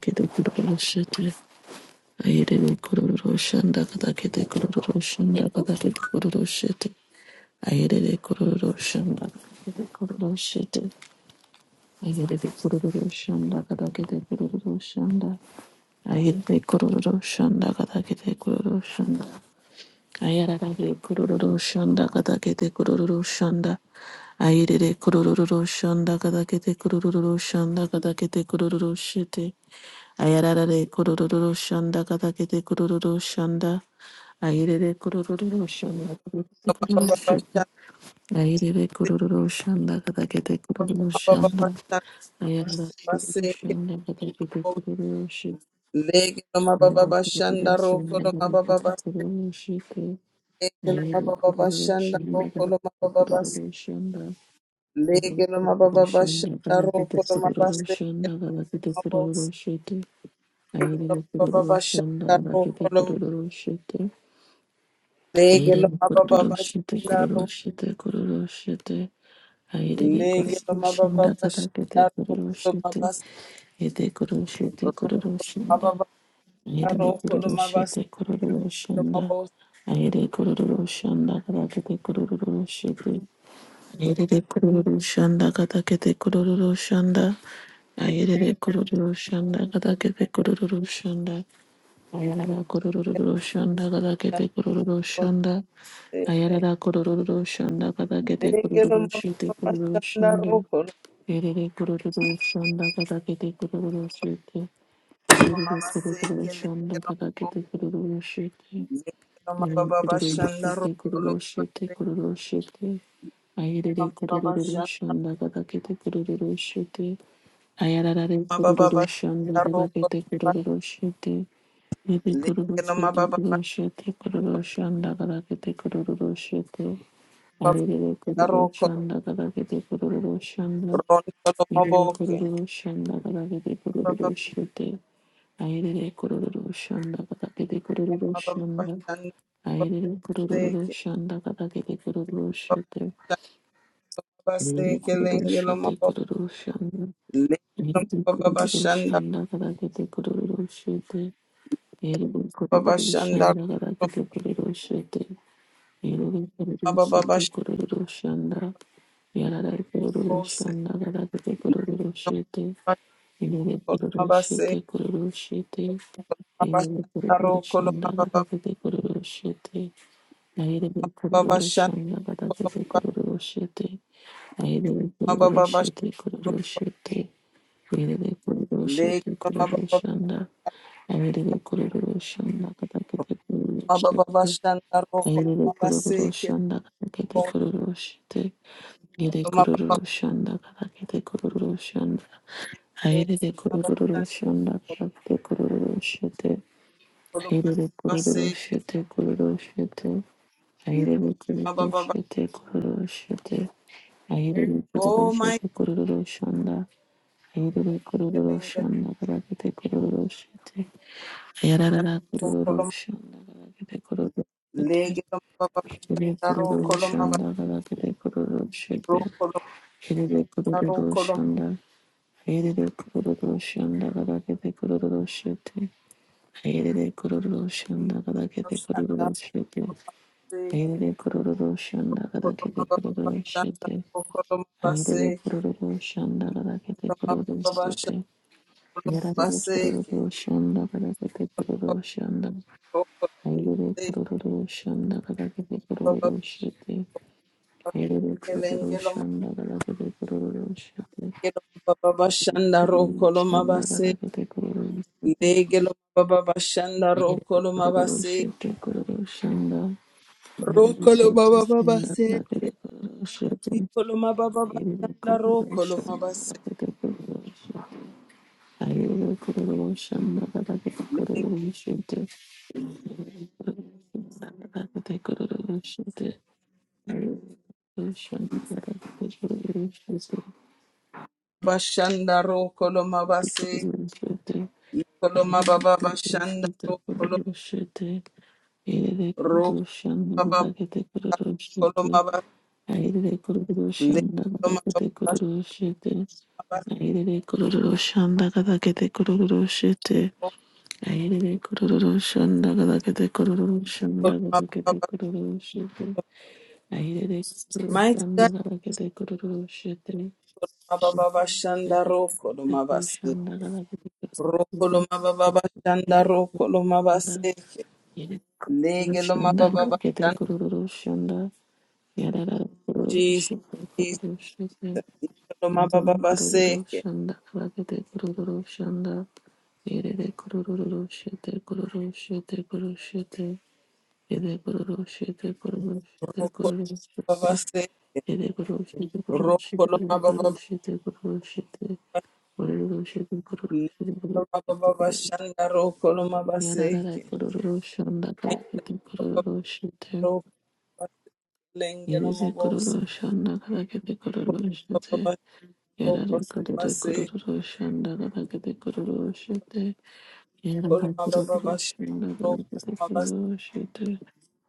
kete kururu shete ayere de kururu shanda kata kete kururu shanda kata kete kururu shete ayere de kururu shanda kete kururu shete ayere de kururu shanda kata kete kururu shanda ayere de kururu shanda kata kete kururu shanda ayara de kururu shanda kata kete kururu shanda ayere de kururu shanda kata kete kururu shanda kata kete kururu shete Ayararare kurururu shanda katakete kurururu shanda. Ayirere kurururu shanda Legelo katakete kurururu shanda. Ayirere kurururu shanda katakete kurururu shanda. Ayarara kurururu shanda katakete kurururu shanda. Ayarara kurururu shanda katakete kurururu shanda. Ayirere kurururu shanda katakete kurururu shanda. Ayirere kurururu shanda katakete kurururu shanda katakete kurururu shanda. Aire kororo shanda da bakete kororo shete. Aire kororo shete kororo shete kororo shete. Aire kororo shanda da bakete kororo shete. Aire kororo shete kororo shanda. Aire kororo shete kororo shanda. Aire kororo shanda da bakete kororo shete. Aire kororo shanda da bakete kororo shanda. Aire kororo shanda da bakete kororo shanda. Ayarara kurururu shanda kada kete kurururu shanda. Ayarara kurururu shanda kada kete Legelo kurururu shite mababa kurururu shanda shinde. roko Erere kurururu shanda kada kete kurururu shite. loma Kurururu mababa kurururu seke shanda legelo kada mabo kete kurururu shite. legelo Erere mababa kurururu shanda shite roko kurururu loma shite kurururu shite. Ayarere mama mababa kurururu shanda shanda kada kete kurururu shite. Ayarara mababa kurururu shanda shanda kada roko kete loma kurururu shite. Yedi legelo kuruluşuydu mababa kuruluşuydu kuruluşuyanda kadar yedi kuruluşuydu. mababa Ayrıca roko kuruluşuyanda kadar yedi kuruluşuyanda. ronto loma Yedi boke kuruluşuyanda kadar yedi mababa kuruluşuydu. Ayrıca kuruluşuyanda kadar yedi mababa kuruluşuyanda. shanda roko Ayrıca seke kuruluşuyanda kadar yedi kuruluşuydu. mababa Yedi seke legelo kuruluşuydu mabo kuruluşuyanda. legelo Yedi mababa shanda kuruluşuyanda kadar yedi kuruluşuydu. Yellow Corridor mababa shanda Shanda roko Corridor Shete Yellow loma Corridor mababa Shete shanda Corridor Shanda Yellow Corridor roko Shanda Corridor Shete Yellow Corridor mababa seke Shete Corridor Shete Oh my Yellow Corridor Koloma Shanda Corridor Shete Yellow Corridor Shanda Corridor Shete Yellow Corridor Shete Corridor Shete Yellow Corridor Shete Corridor Shanda Ahereye kuri Roshan Nakatakete Kurushite. Ahereye kuri Roshan Nakatakete Kurushite. Ahereye kuri Roshan Nakatakete Kurushan. Ahereye kuri Roshan Nakatakete Kurushite. Ahereye kuri Rushite Kurushite. Ahereye kuri Rushite Kurushite. Ahereye kuri Rushite Kurushanda. Ahereye kuri Roshan Nakatakete Kurushite. Yararara kururu shanda kada kete kururu shete. Kere kururu shanda kada kete kururu shete. Kere kururu shanda. Kere kururu shanda kada kete kururu shete. Kere kururu shanda kada kete kururu shete. Kere kururu shanda kada kete kururu shete. Kere baseke, kururu shanda kada kete koloma kururu baseke, shete. koloma Yararara kururu shanda kada kete kururu shanda. baseke, Hayrede kururu şanda kadar kete Baba kururu şete. Hayrede kururu şanda kadar kete kururu şete. Babashanda Kururu Rokolo şanda Mabase, kadar kete kururu. Legelo Babashanda Hayrede Rokolo kururu Mabase, şete kururu şanda. Hayrede Rokolo kururu şanda Bababase, kadar kete kururu şete. Nicolo Hayrede Mababashanda kururu Rokolo şanda Mabase, kadar kete kururu şete. Hayrede kururu şanda kadar kete kururu şete. Kururu şanda kadar kete kururu şete. Shit, Airere Bashanda Rokolo Mabase, Nicolo Mababashanda Rokolo, Rokolo kururu shanda baba kada rokolo Mabase, Legelo kete kururu Mababashanda shete. Airere kururu shanda kada kete kururu shanda kada Rokolo kete Mabase, kururu shete. Airere Mighty God kururu shanda kada kete kururu shete. Yere Mababashanda Rokolo Mabase. Rokoloma baba bashanda rokoloma baseke lege loma baba bashanda Jesus Jesus rokoloma baba baseke rokoloma baseke rokoloma baba lege loma baba bashanda rokoloma Yararara baseke kororo shanda karakete kororo shite. lenge loma Yerize bose kororo shanda karakete kororo baba shite. Yarara bashanda kororo baseke kororo shanda karakete kororo shite. Yarara rokoloma baba kororo shanda bashanda karakete rokoloma baseke kororo shite.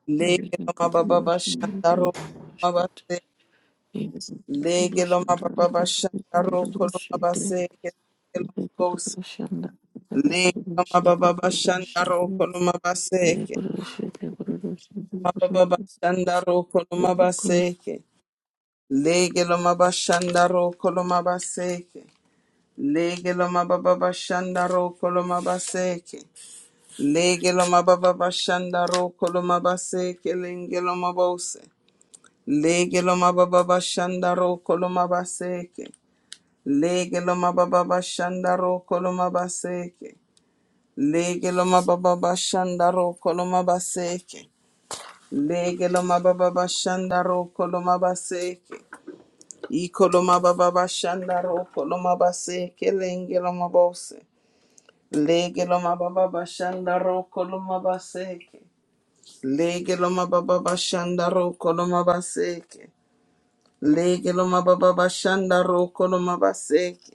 lege Yarara loma baba kororo shanda bashanda karakete shite. rokoloma Yerize kororo Lege loma shanda karakete kororo shite. Yerize kororo shanda karakete baba bashanda roko kororo shite kororo loma shite. baseke. Lege Yerize loma kororo bose. Lege loma baba bashanda roko loma baseke. shite kororo shite kororo Loma baba shite. bashanda roko loma baseke. Lege loma bashanda roko loma baseke. Lege loma baba bashanda roko loma baseke. Lege loma baba bashanda roko loma baseke. Lenge loma bose. Lege loma baba bashanda roko loma baseke. Lege loma baba bashanda roko loma baseke. Lege loma baba bashanda roko loma baseke. Lege loma baba bashanda roko loma baseke. Iko loma baba bashanda roko loma baseke. Lenge loma bose. Lege loma baba bashanda roko loma baseke. Lege loma baba bashanda roko loma baseke. Lege loma baba bashanda roko loma baseke.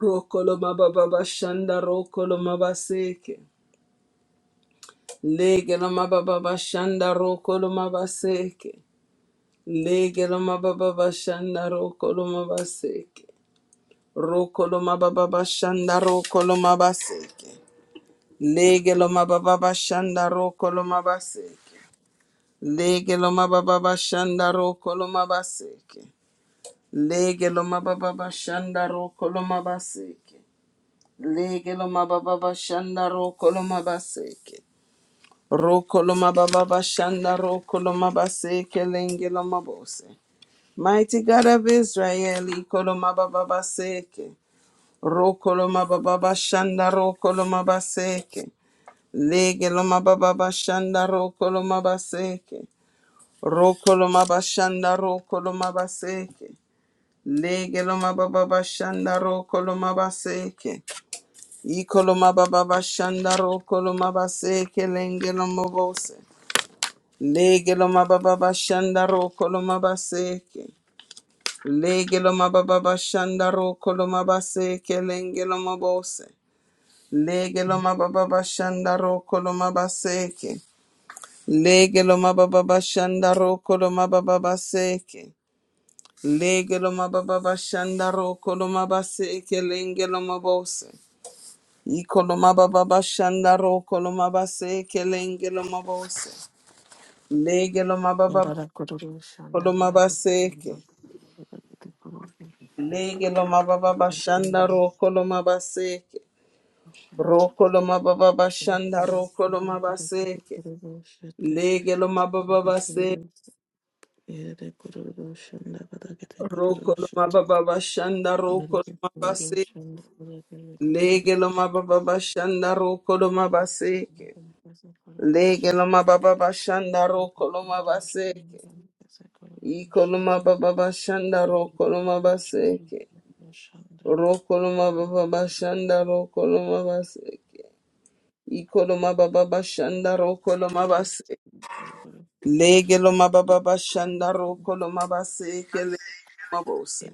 Rokolo mababa shanda rokolo mabaseke. Lege lo mababa shanda rokolo mabaseke. Lege lo mababa shanda rokolo mabaseke. Rokolo mababa shanda rokolo mabaseke. Lege lo mababa shanda rokolo mabaseke. Lege lo mababa shanda rokolo mabaseke. Lege lo mababa shanda rokolo mabaseke. Legeloma baba bashanda rokoloma baseke. Rokoloma baba bashanda rokoloma baseke lengeloma bose. Mighty God of Israel, ikoloma baba baseke. Rokoloma baba bashanda rokoloma baseke. Legeloma baba bashanda rokoloma baseke. Rokoloma bashanda rokoloma baseke. Legeloma baba bashanda rokoloma baseke. Ikoloma baba bashandaro koloma base kelenge lomobose. Lege loma baba bashandaro koloma baseke. Lege loma baba bashandaro koloma base kelenge lomobose. Lege loma baba bashandaro koloma baseke. Lege loma baba bashandaro koloma baba baseke. Lege loma baba bashandaro koloma baseke lenge lomobose. Ikoloma baba bashanda ro koloma base kelenge loma bose. Lege loma baba Yarara kururu shanda koloma kaza kakitimba. baseke. Yarara kururu shanda Lege loma baba kaza bashanda kakitimba. Yarara kururu ro koloma baseke. shanda kaza Ro koloma baba bashanda kakitimba. ro Kaza kururu koloma baseke. shanda. Lege loma baba Yarara base. kururu shanda kaza kururu shanda. Ro koloma baba bashanda ro Yarara koloma kururu base. Lege loma baba bashanda ro koloma shanda baseke. kururu Lege loma baba bashanda ro koloma baseke. Ikoloma baba bashanda ro rokoloma baseke. Rokoloma shanda. baba bashanda ro rokoloma baseke. Ikoloma baba bashanda ro Shanda, rokoloma baseke. Legeloma baba bashanda ro rokoloma baseke legeloma bose.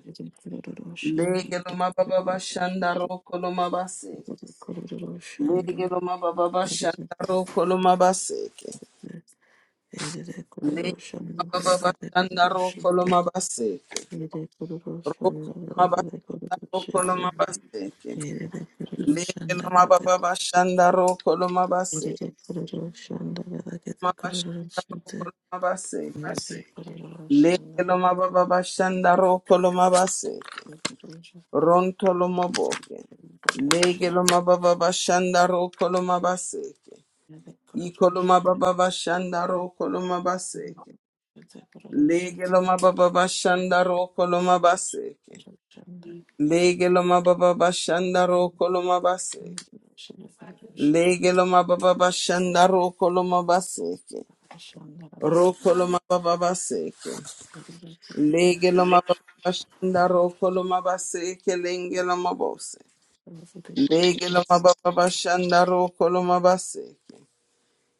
Legeloma baba bashanda rokoloma baseke. Legeloma baba bashanda rokoloma baseke. Legeloma baba bashanda rokoloma baseke. Rokoloma bashanda rokoloma baseke. Loma baba bashanda roko loma base loma bashanda roko loma base le loma baba bashanda roko loma base ronto loma boke le loma baba bashanda roko loma base Amen. iko loma baba bashanda roko loma base le loma baba bashanda roko loma base le loma baba bashanda roko loma base le loma baba bashanda roko loma base Rokoloma bababaseke. Legeloma bababashanda rokoloma baseke lengeloma bose. Legeloma bababashanda rokoloma baseke.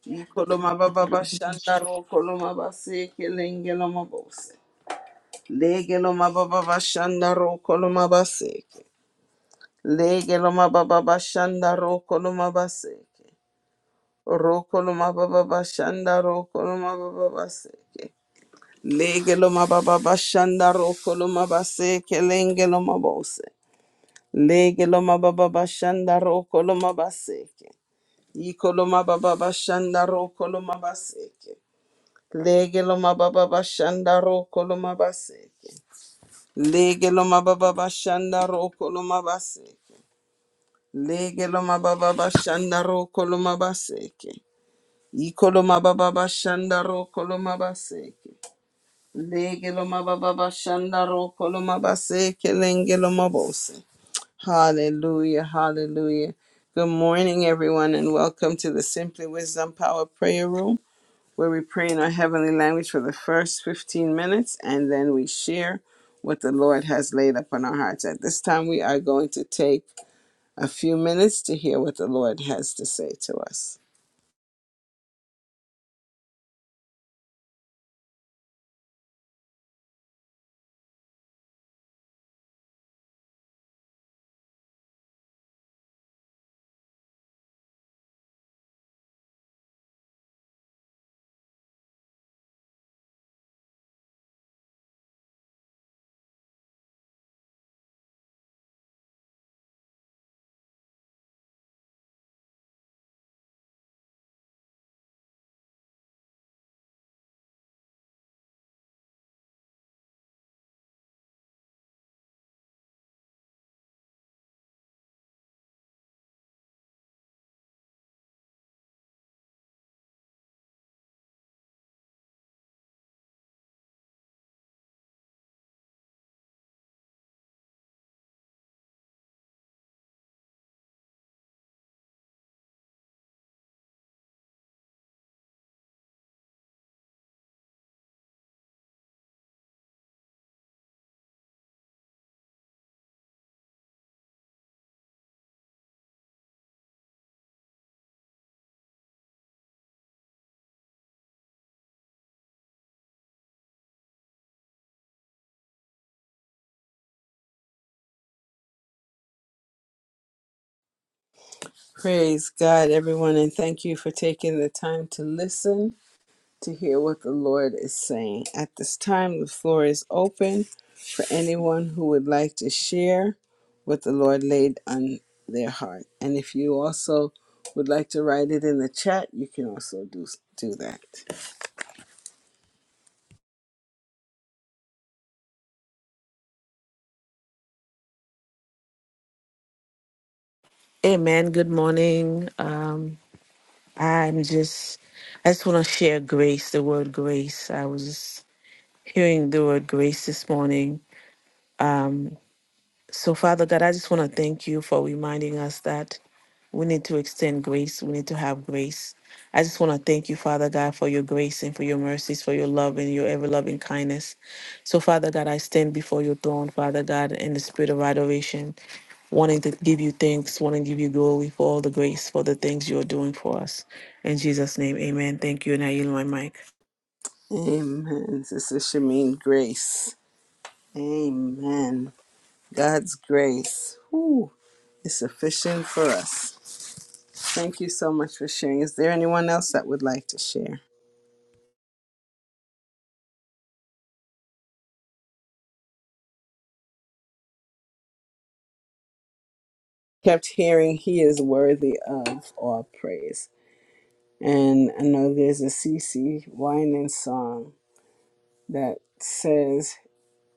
Ikoloma bababashanda rokoloma baseke lengeloma bose. Legeloma bababashanda rokoloma baseke. Legeloma bababashanda rokoloma baseke. Rokoloma bababashanda rokoloma bababaseke. Lege lo mababa bashanda roko lo mabase kelenge lo mabose. Lege mababa bashanda roko lo mabaseke. Iko lo mababa bashanda roko lo mabaseke. Lege mababa bashanda roko lo mabaseke. Lege mababa bashanda roko lo mabaseke. Lege mababa bashanda roko lo mabaseke. Iko lo mababa bashanda roko lo mabaseke. Legeloma baba bashanda ro koloma base kelengeloma bose. Hallelujah, hallelujah. Good morning, everyone, and welcome to the Simply Wisdom Power Prayer Room, where we pray in our heavenly language for the first 15 minutes and then we share what the Lord has laid upon our hearts. At this time, we are going to take a few minutes to hear what the Lord has to say to us. Praise God, everyone, and thank you for taking the time to listen. to hear what the Lord is saying. At this time, the floor is open for anyone who would like to share what the Lord laid on their heart. And if you also would like to write it in the chat, you can also do do that. Good morning. Um, I'm just, I just want to share grace, the word grace. I was just hearing the word grace this morning So, Father God, I just want to thank you for reminding us that we need to extend grace. We need to have grace. I just want to thank you, Father God, for your grace and for your mercies, for your love and your ever loving kindness. So, Father God, I stand before your throne, Father God, in the spirit of adoration, wanting to give you thanks, wanting to give you glory for all the grace, for the things you are doing for us. In Jesus' name, amen. Thank you, and I yield my mic. Amen. Sister Shamin Grace. Amen. God's grace whew, is sufficient for us. Thank you so much for sharing. Is there anyone else that would like to share? kept hearing he is worthy of all praise. And I know there's a CC whining song that says,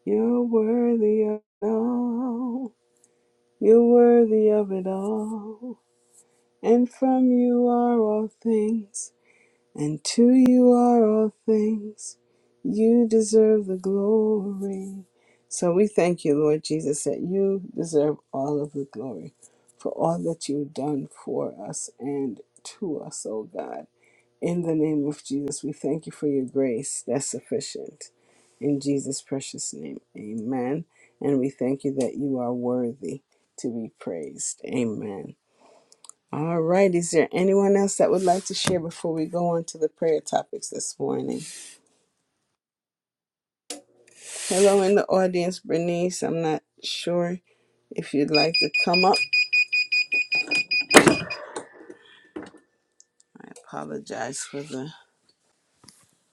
You're worthy of it all, you're worthy of it all, and from you are all things. And to you are all things. You deserve the glory. So we thank you, Lord Jesus, that you deserve all of the glory for all that you've done for us and to us, oh God. In the name of Jesus, we thank you for your grace that's sufficient. In Jesus' precious name, amen. And we thank you that you are worthy to be praised. Amen. All right. Is there anyone else that would like to share before we go on to the prayer topics this morning? Hello in the audience, Bernice. I'm not sure if you'd like to come up. I apologize for the,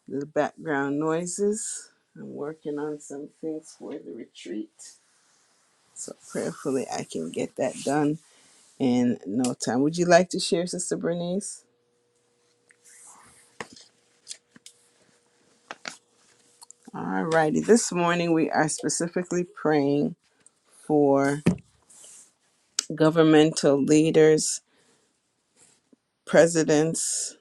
the background noises. I'm working on some things for the retreat. So prayerfully, I can get that done in no time. Would you like to share, Sister Bernice? All righty. This morning, we are specifically praying for governmental leaders presidents,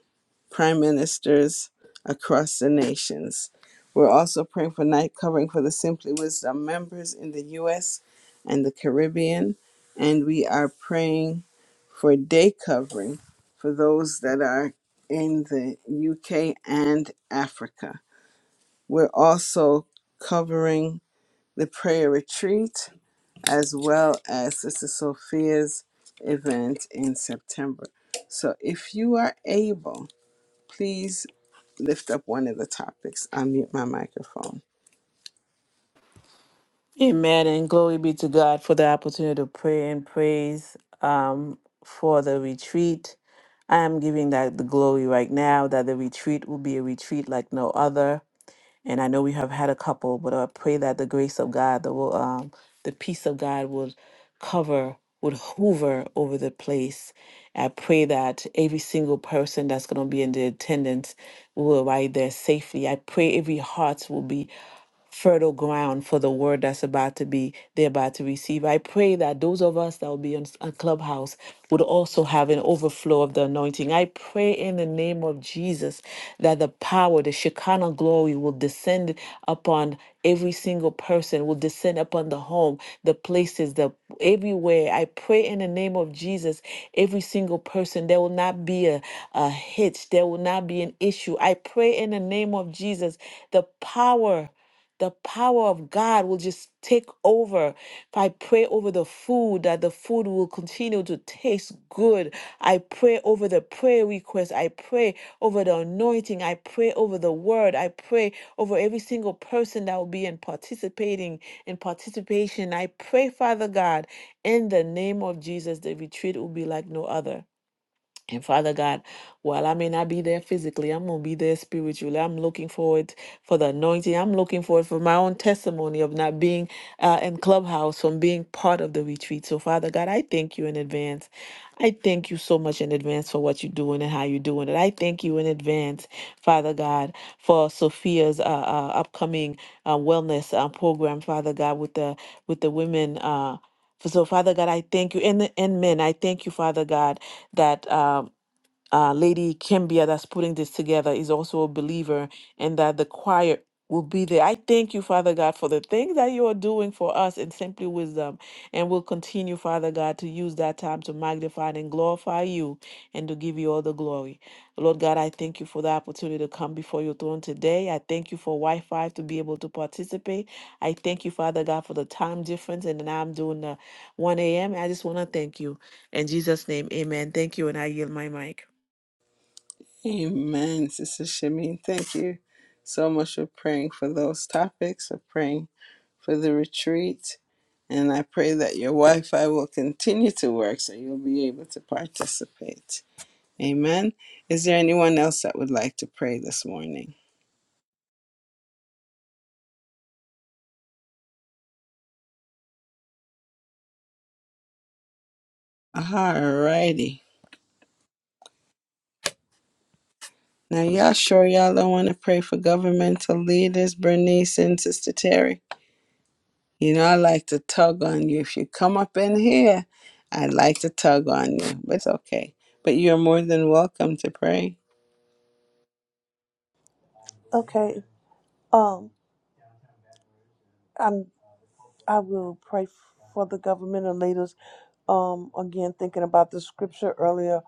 prime ministers across the nations. We're also praying for night covering for the Simply Wisdom members in the US and the Caribbean. And we are praying for day covering for those that are in the UK and Africa. We're also covering the prayer retreat as well as Sister Sophia's event in September. So if you are able, Please lift up one of the topics. I mute my microphone. Amen and glory be to God for the opportunity to pray and praise um, for the retreat. I am giving that the glory right now that the retreat will be a retreat like no other. And I know we have had a couple, but I pray that the grace of God, the will, um, the peace of God would cover, would hover over the place. I pray that every single person that's going to be in the attendance will arrive there safely. I pray every heart will be fertile ground for the word that's about to be they're about to receive. I pray that those of us that will be on, a Clubhouse would also have an overflow of the anointing. I pray in the name of Jesus that the power, the Shekinah glory will descend upon every single person, will descend upon the home, the places, the everywhere. I pray in the name of Jesus, every single person, there will not be a, a hitch, there will not be an issue. I pray in the name of Jesus, the power the power of God will just take over. If I pray over the food, that the food will continue to taste good. I pray over the prayer request. I pray over the anointing. I pray over the word. I pray over every single person that will be in participating in participation. I pray, Father God, in the name of Jesus, the retreat will be like no other. And Father God, while I may not be there physically, I'm going to be there spiritually. I'm looking forward for the anointing. I'm looking forward for my own testimony of not being uh, in Clubhouse, from being part of the retreat. So, Father God, I thank you in advance. I thank you so much in advance for what you're doing and how you're doing it. I thank you in advance, Father God, for Sophia's uh, uh, upcoming uh, wellness uh, program, Father God, with the with the women. Uh, so, Father God, I thank you, and, and men, I thank you, Father God, that. Um, uh, Lady Kimbia that's putting this together is also a believer, and that the choir will be there. I thank you, Father God, for the things that you are doing for us in Simply Wisdom, and we'll continue, Father God, to use that time to magnify and glorify you and to give you all the glory. Lord God, I thank you for the opportunity to come before your throne today. I thank you for Wi Fi to be able to participate. I thank you, Father God, for the time difference, and now I'm doing the 1 a.m. I just want to thank you. In Jesus' name, amen. Thank you, and I yield my mic. Amen, Sister Shamin. Thank you so much for praying for those topics, for praying for the retreat. And I pray that your Wi Fi will continue to work so you'll be able to participate. Amen. Is there anyone else that would like to pray this morning? Alrighty. Now, y'all sure y'all don't want to pray for governmental leaders, Bernice and Sister Terry? You know, I like to tug on you. If you come up in here, I'd like to tug on you, but it's okay. But you're more than welcome to pray. Okay. Um, I'm I will pray for the governmental leaders. Um, again, thinking about the scripture earlier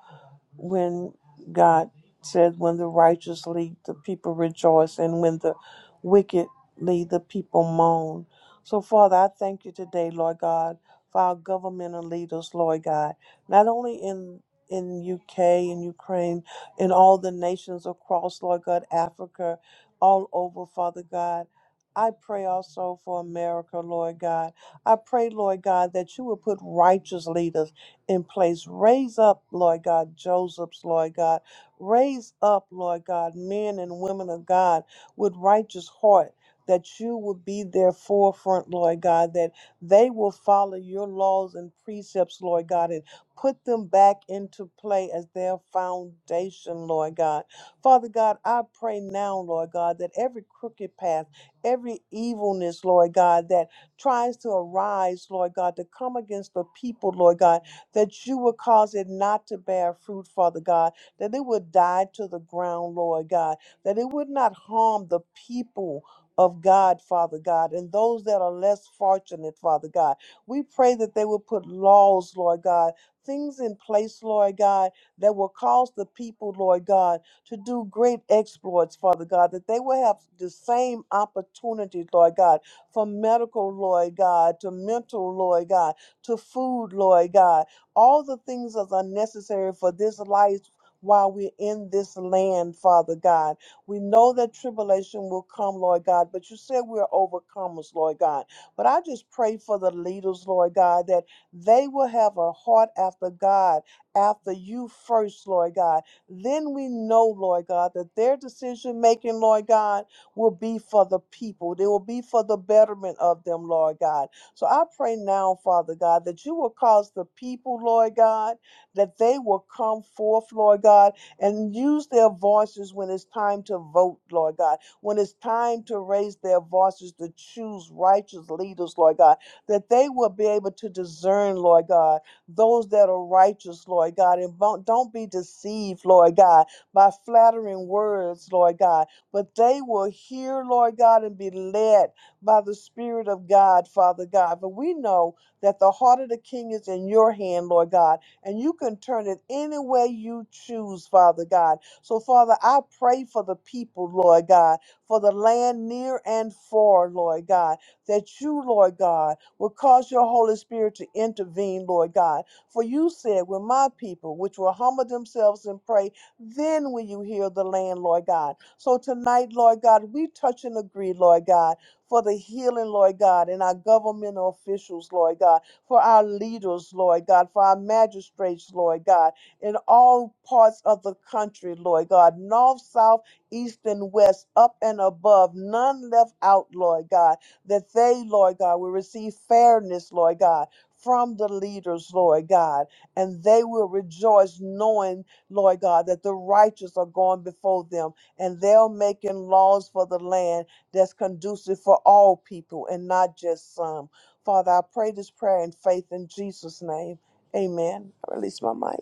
when God said, When the righteous lead, the people rejoice, and when the wicked lead, the people moan. So, Father, I thank you today, Lord God, for our governmental leaders, Lord God, not only in in UK and Ukraine, in all the nations across, Lord God, Africa, all over, Father God. I pray also for America, Lord God. I pray, Lord God, that you will put righteous leaders in place. Raise up, Lord God, Joseph's, Lord God. Raise up, Lord God, men and women of God with righteous heart. That you will be their forefront, Lord God, that they will follow your laws and precepts, Lord God, and put them back into play as their foundation, Lord God. Father God, I pray now, Lord God, that every crooked path, every evilness, Lord God, that tries to arise, Lord God, to come against the people, Lord God that you would cause it not to bear fruit, Father God, that it would die to the ground, Lord God, that it would not harm the people of God, Father God, and those that are less fortunate, Father God. We pray that they will put laws, Lord God, things in place, Lord God, that will cause the people, Lord God, to do great exploits, Father God, that they will have the same opportunities, Lord God, from medical, Lord God, to mental, Lord God, to food, Lord God all the things that are necessary for this life while we're in this land, Father God. We know that tribulation will come, Lord God, but you said we're overcomers, Lord God. But I just pray for the leaders, Lord God, that they will have a heart after God, after you first, Lord God. Then we know, Lord God, that their decision making, Lord God, will be for the people. They will be for the betterment of them, Lord God. So I pray now, Father God, that you will cause the people, Lord God, that they will come forth, Lord God, and use their voices when it's time to vote, Lord God, when it's time to raise their voices to choose righteous leaders, Lord God, that they will be able to discern, Lord God, those that are righteous, Lord God, and don't, don't be deceived, Lord God, by flattering words, Lord God, but they will hear, Lord God, and be led by the Spirit of God, Father God. But we know that the heart of the king is in your hand, Lord God, and you can turn it any way you choose, Father God. So, Father, I pray for the people, Lord God, for the land near and far, Lord God, that you, Lord God, will cause your Holy Spirit to intervene, Lord God. For you said, when my people, which will humble themselves and pray, then will you heal the land, Lord God. So tonight, Lord God, we touch and agree, Lord God for the healing, Lord God, and our governmental officials, Lord God, for our leaders, Lord God, for our magistrates, Lord God, in all parts of the country, Lord God, north, south, east, and west, up and above, none left out, Lord God, that they, Lord God, will receive fairness, Lord God. From the leaders, Lord God, and they will rejoice knowing, Lord God, that the righteous are going before them and they're making laws for the land that's conducive for all people and not just some. Father, I pray this prayer in faith in Jesus' name. Amen. I release my mic.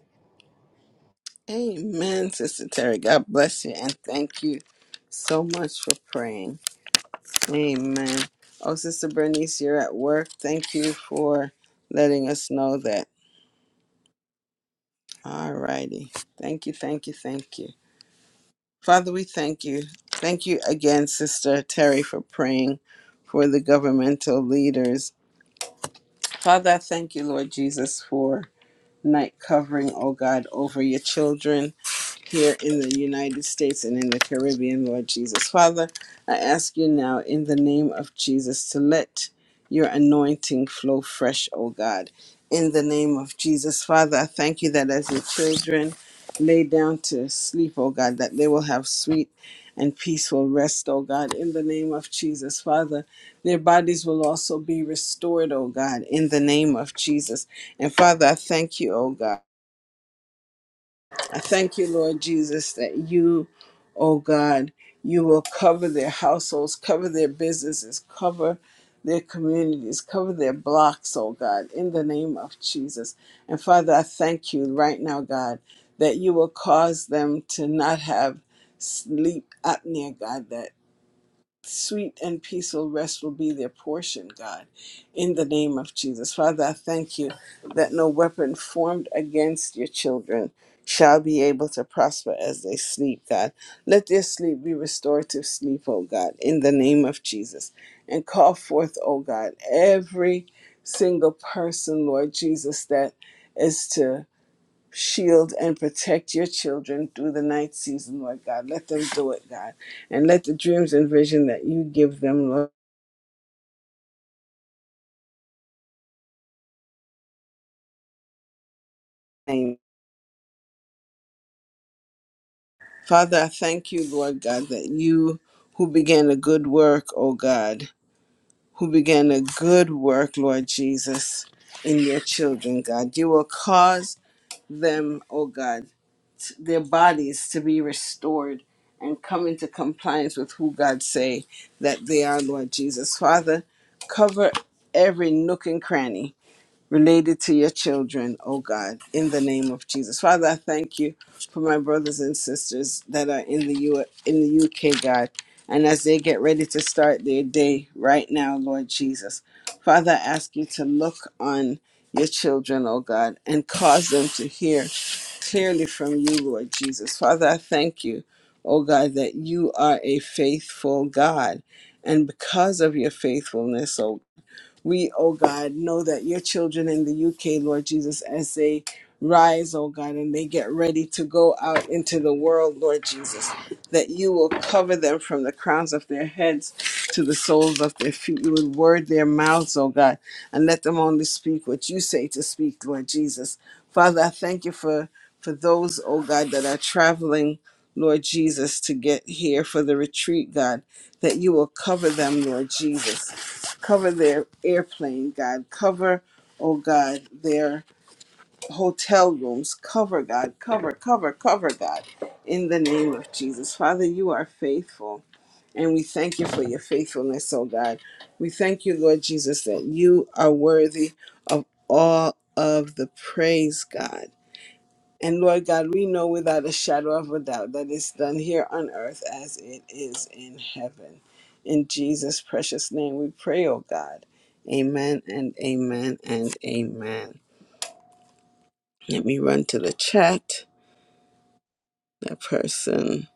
Amen, Sister Terry. God bless you and thank you so much for praying. Amen. Oh, Sister Bernice, you're at work. Thank you for letting us know that. All righty. Thank you, thank you, thank you. Father, we thank you. Thank you again, Sister Terry, for praying for the governmental leaders Father, I thank you, Lord Jesus, for night covering, oh God, over your children here in the United States and in the Caribbean, Lord Jesus. Father, I ask you now in the name of Jesus to let your anointing flow fresh, O God. In the name of Jesus, Father, I thank you that as your children lay down to sleep, O God, that they will have sweet and peaceful rest, O God. In the name of Jesus, Father, their bodies will also be restored, O God, in the name of Jesus. And Father, I thank you, O God. I thank you, Lord Jesus, that you, oh God, you will cover their households, cover their businesses, cover their communities, cover their blocks, oh God, in the name of Jesus. And Father, I thank you right now, God, that you will cause them to not have sleep apnea, God, that Sweet and peaceful rest will be their portion, God, in the name of Jesus. Father, I thank you that no weapon formed against your children shall be able to prosper as they sleep, God. Let their sleep be restorative sleep, O God, in the name of Jesus. And call forth, O God, every single person, Lord Jesus, that is to shield and protect your children through the night season, Lord God. Let them do it, God. And let the dreams and vision that you give them, Lord, name. Father, I thank you, Lord God, that you who began a good work, oh God, who began a good work, Lord Jesus, in your children, God. You will cause them, O God, t- their bodies to be restored and come into compliance with who God say that they are, Lord Jesus. Father, cover every nook and cranny related to your children, oh God, in the name of Jesus. Father, I thank you for my brothers and sisters that are in the U in the UK, God. And as they get ready to start their day right now, Lord Jesus, Father, I ask you to look on your children, oh God, and cause them to hear clearly from you, Lord Jesus. Father, I thank you, oh God, that you are a faithful God. And because of your faithfulness, oh we, oh God, know that your children in the UK, Lord Jesus, as they rise, oh God, and they get ready to go out into the world, Lord Jesus, that you will cover them from the crowns of their heads to the soles of their feet. You would word their mouths, oh God, and let them only speak what you say to speak, Lord Jesus. Father, I thank you for, for those, oh God, that are traveling. Lord Jesus, to get here for the retreat, God, that you will cover them, Lord Jesus. Cover their airplane, God. Cover, oh God, their hotel rooms. Cover, God. Cover, cover, cover, God. In the name of Jesus. Father, you are faithful. And we thank you for your faithfulness, oh God. We thank you, Lord Jesus, that you are worthy of all of the praise, God. And Lord God, we know without a shadow of a doubt that it's done here on earth as it is in heaven. In Jesus' precious name we pray, oh God. Amen and amen and amen. Let me run to the chat. That person,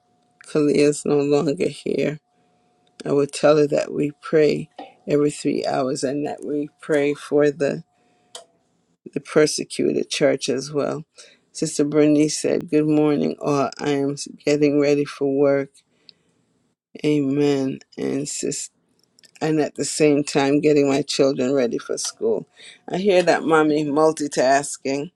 Kalia, is no longer here. I will tell her that we pray every three hours and that we pray for the, the persecuted church as well. Sister Bernice said, Good morning, all. I am getting ready for work Amen. And sis, and at the same time, getting my children ready for school. I hear that, mommy, multitasking.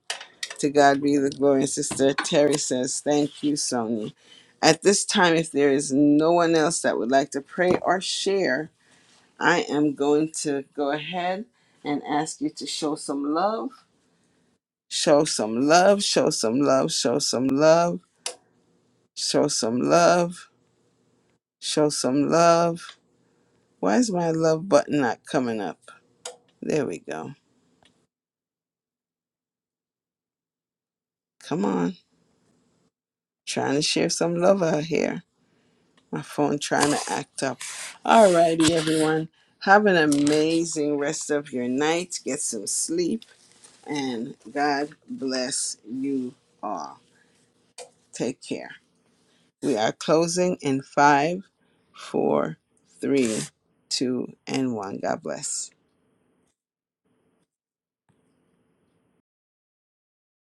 To God be the glory. And Sister Terry says, Thank you, Sonia. At this time, if there is no one else that would like to pray or share, I am going to go ahead and ask you to show some love. Show some love, show some love, show some love, show some love, show some love. Why is my love button not coming up? There we go. Come on. Trying to share some love out here. My phone trying to act up. Alrighty, everyone. Have an amazing rest of your night. Get some sleep. And God bless you all. Take care. We are closing in five, four, three, two, and one. God bless.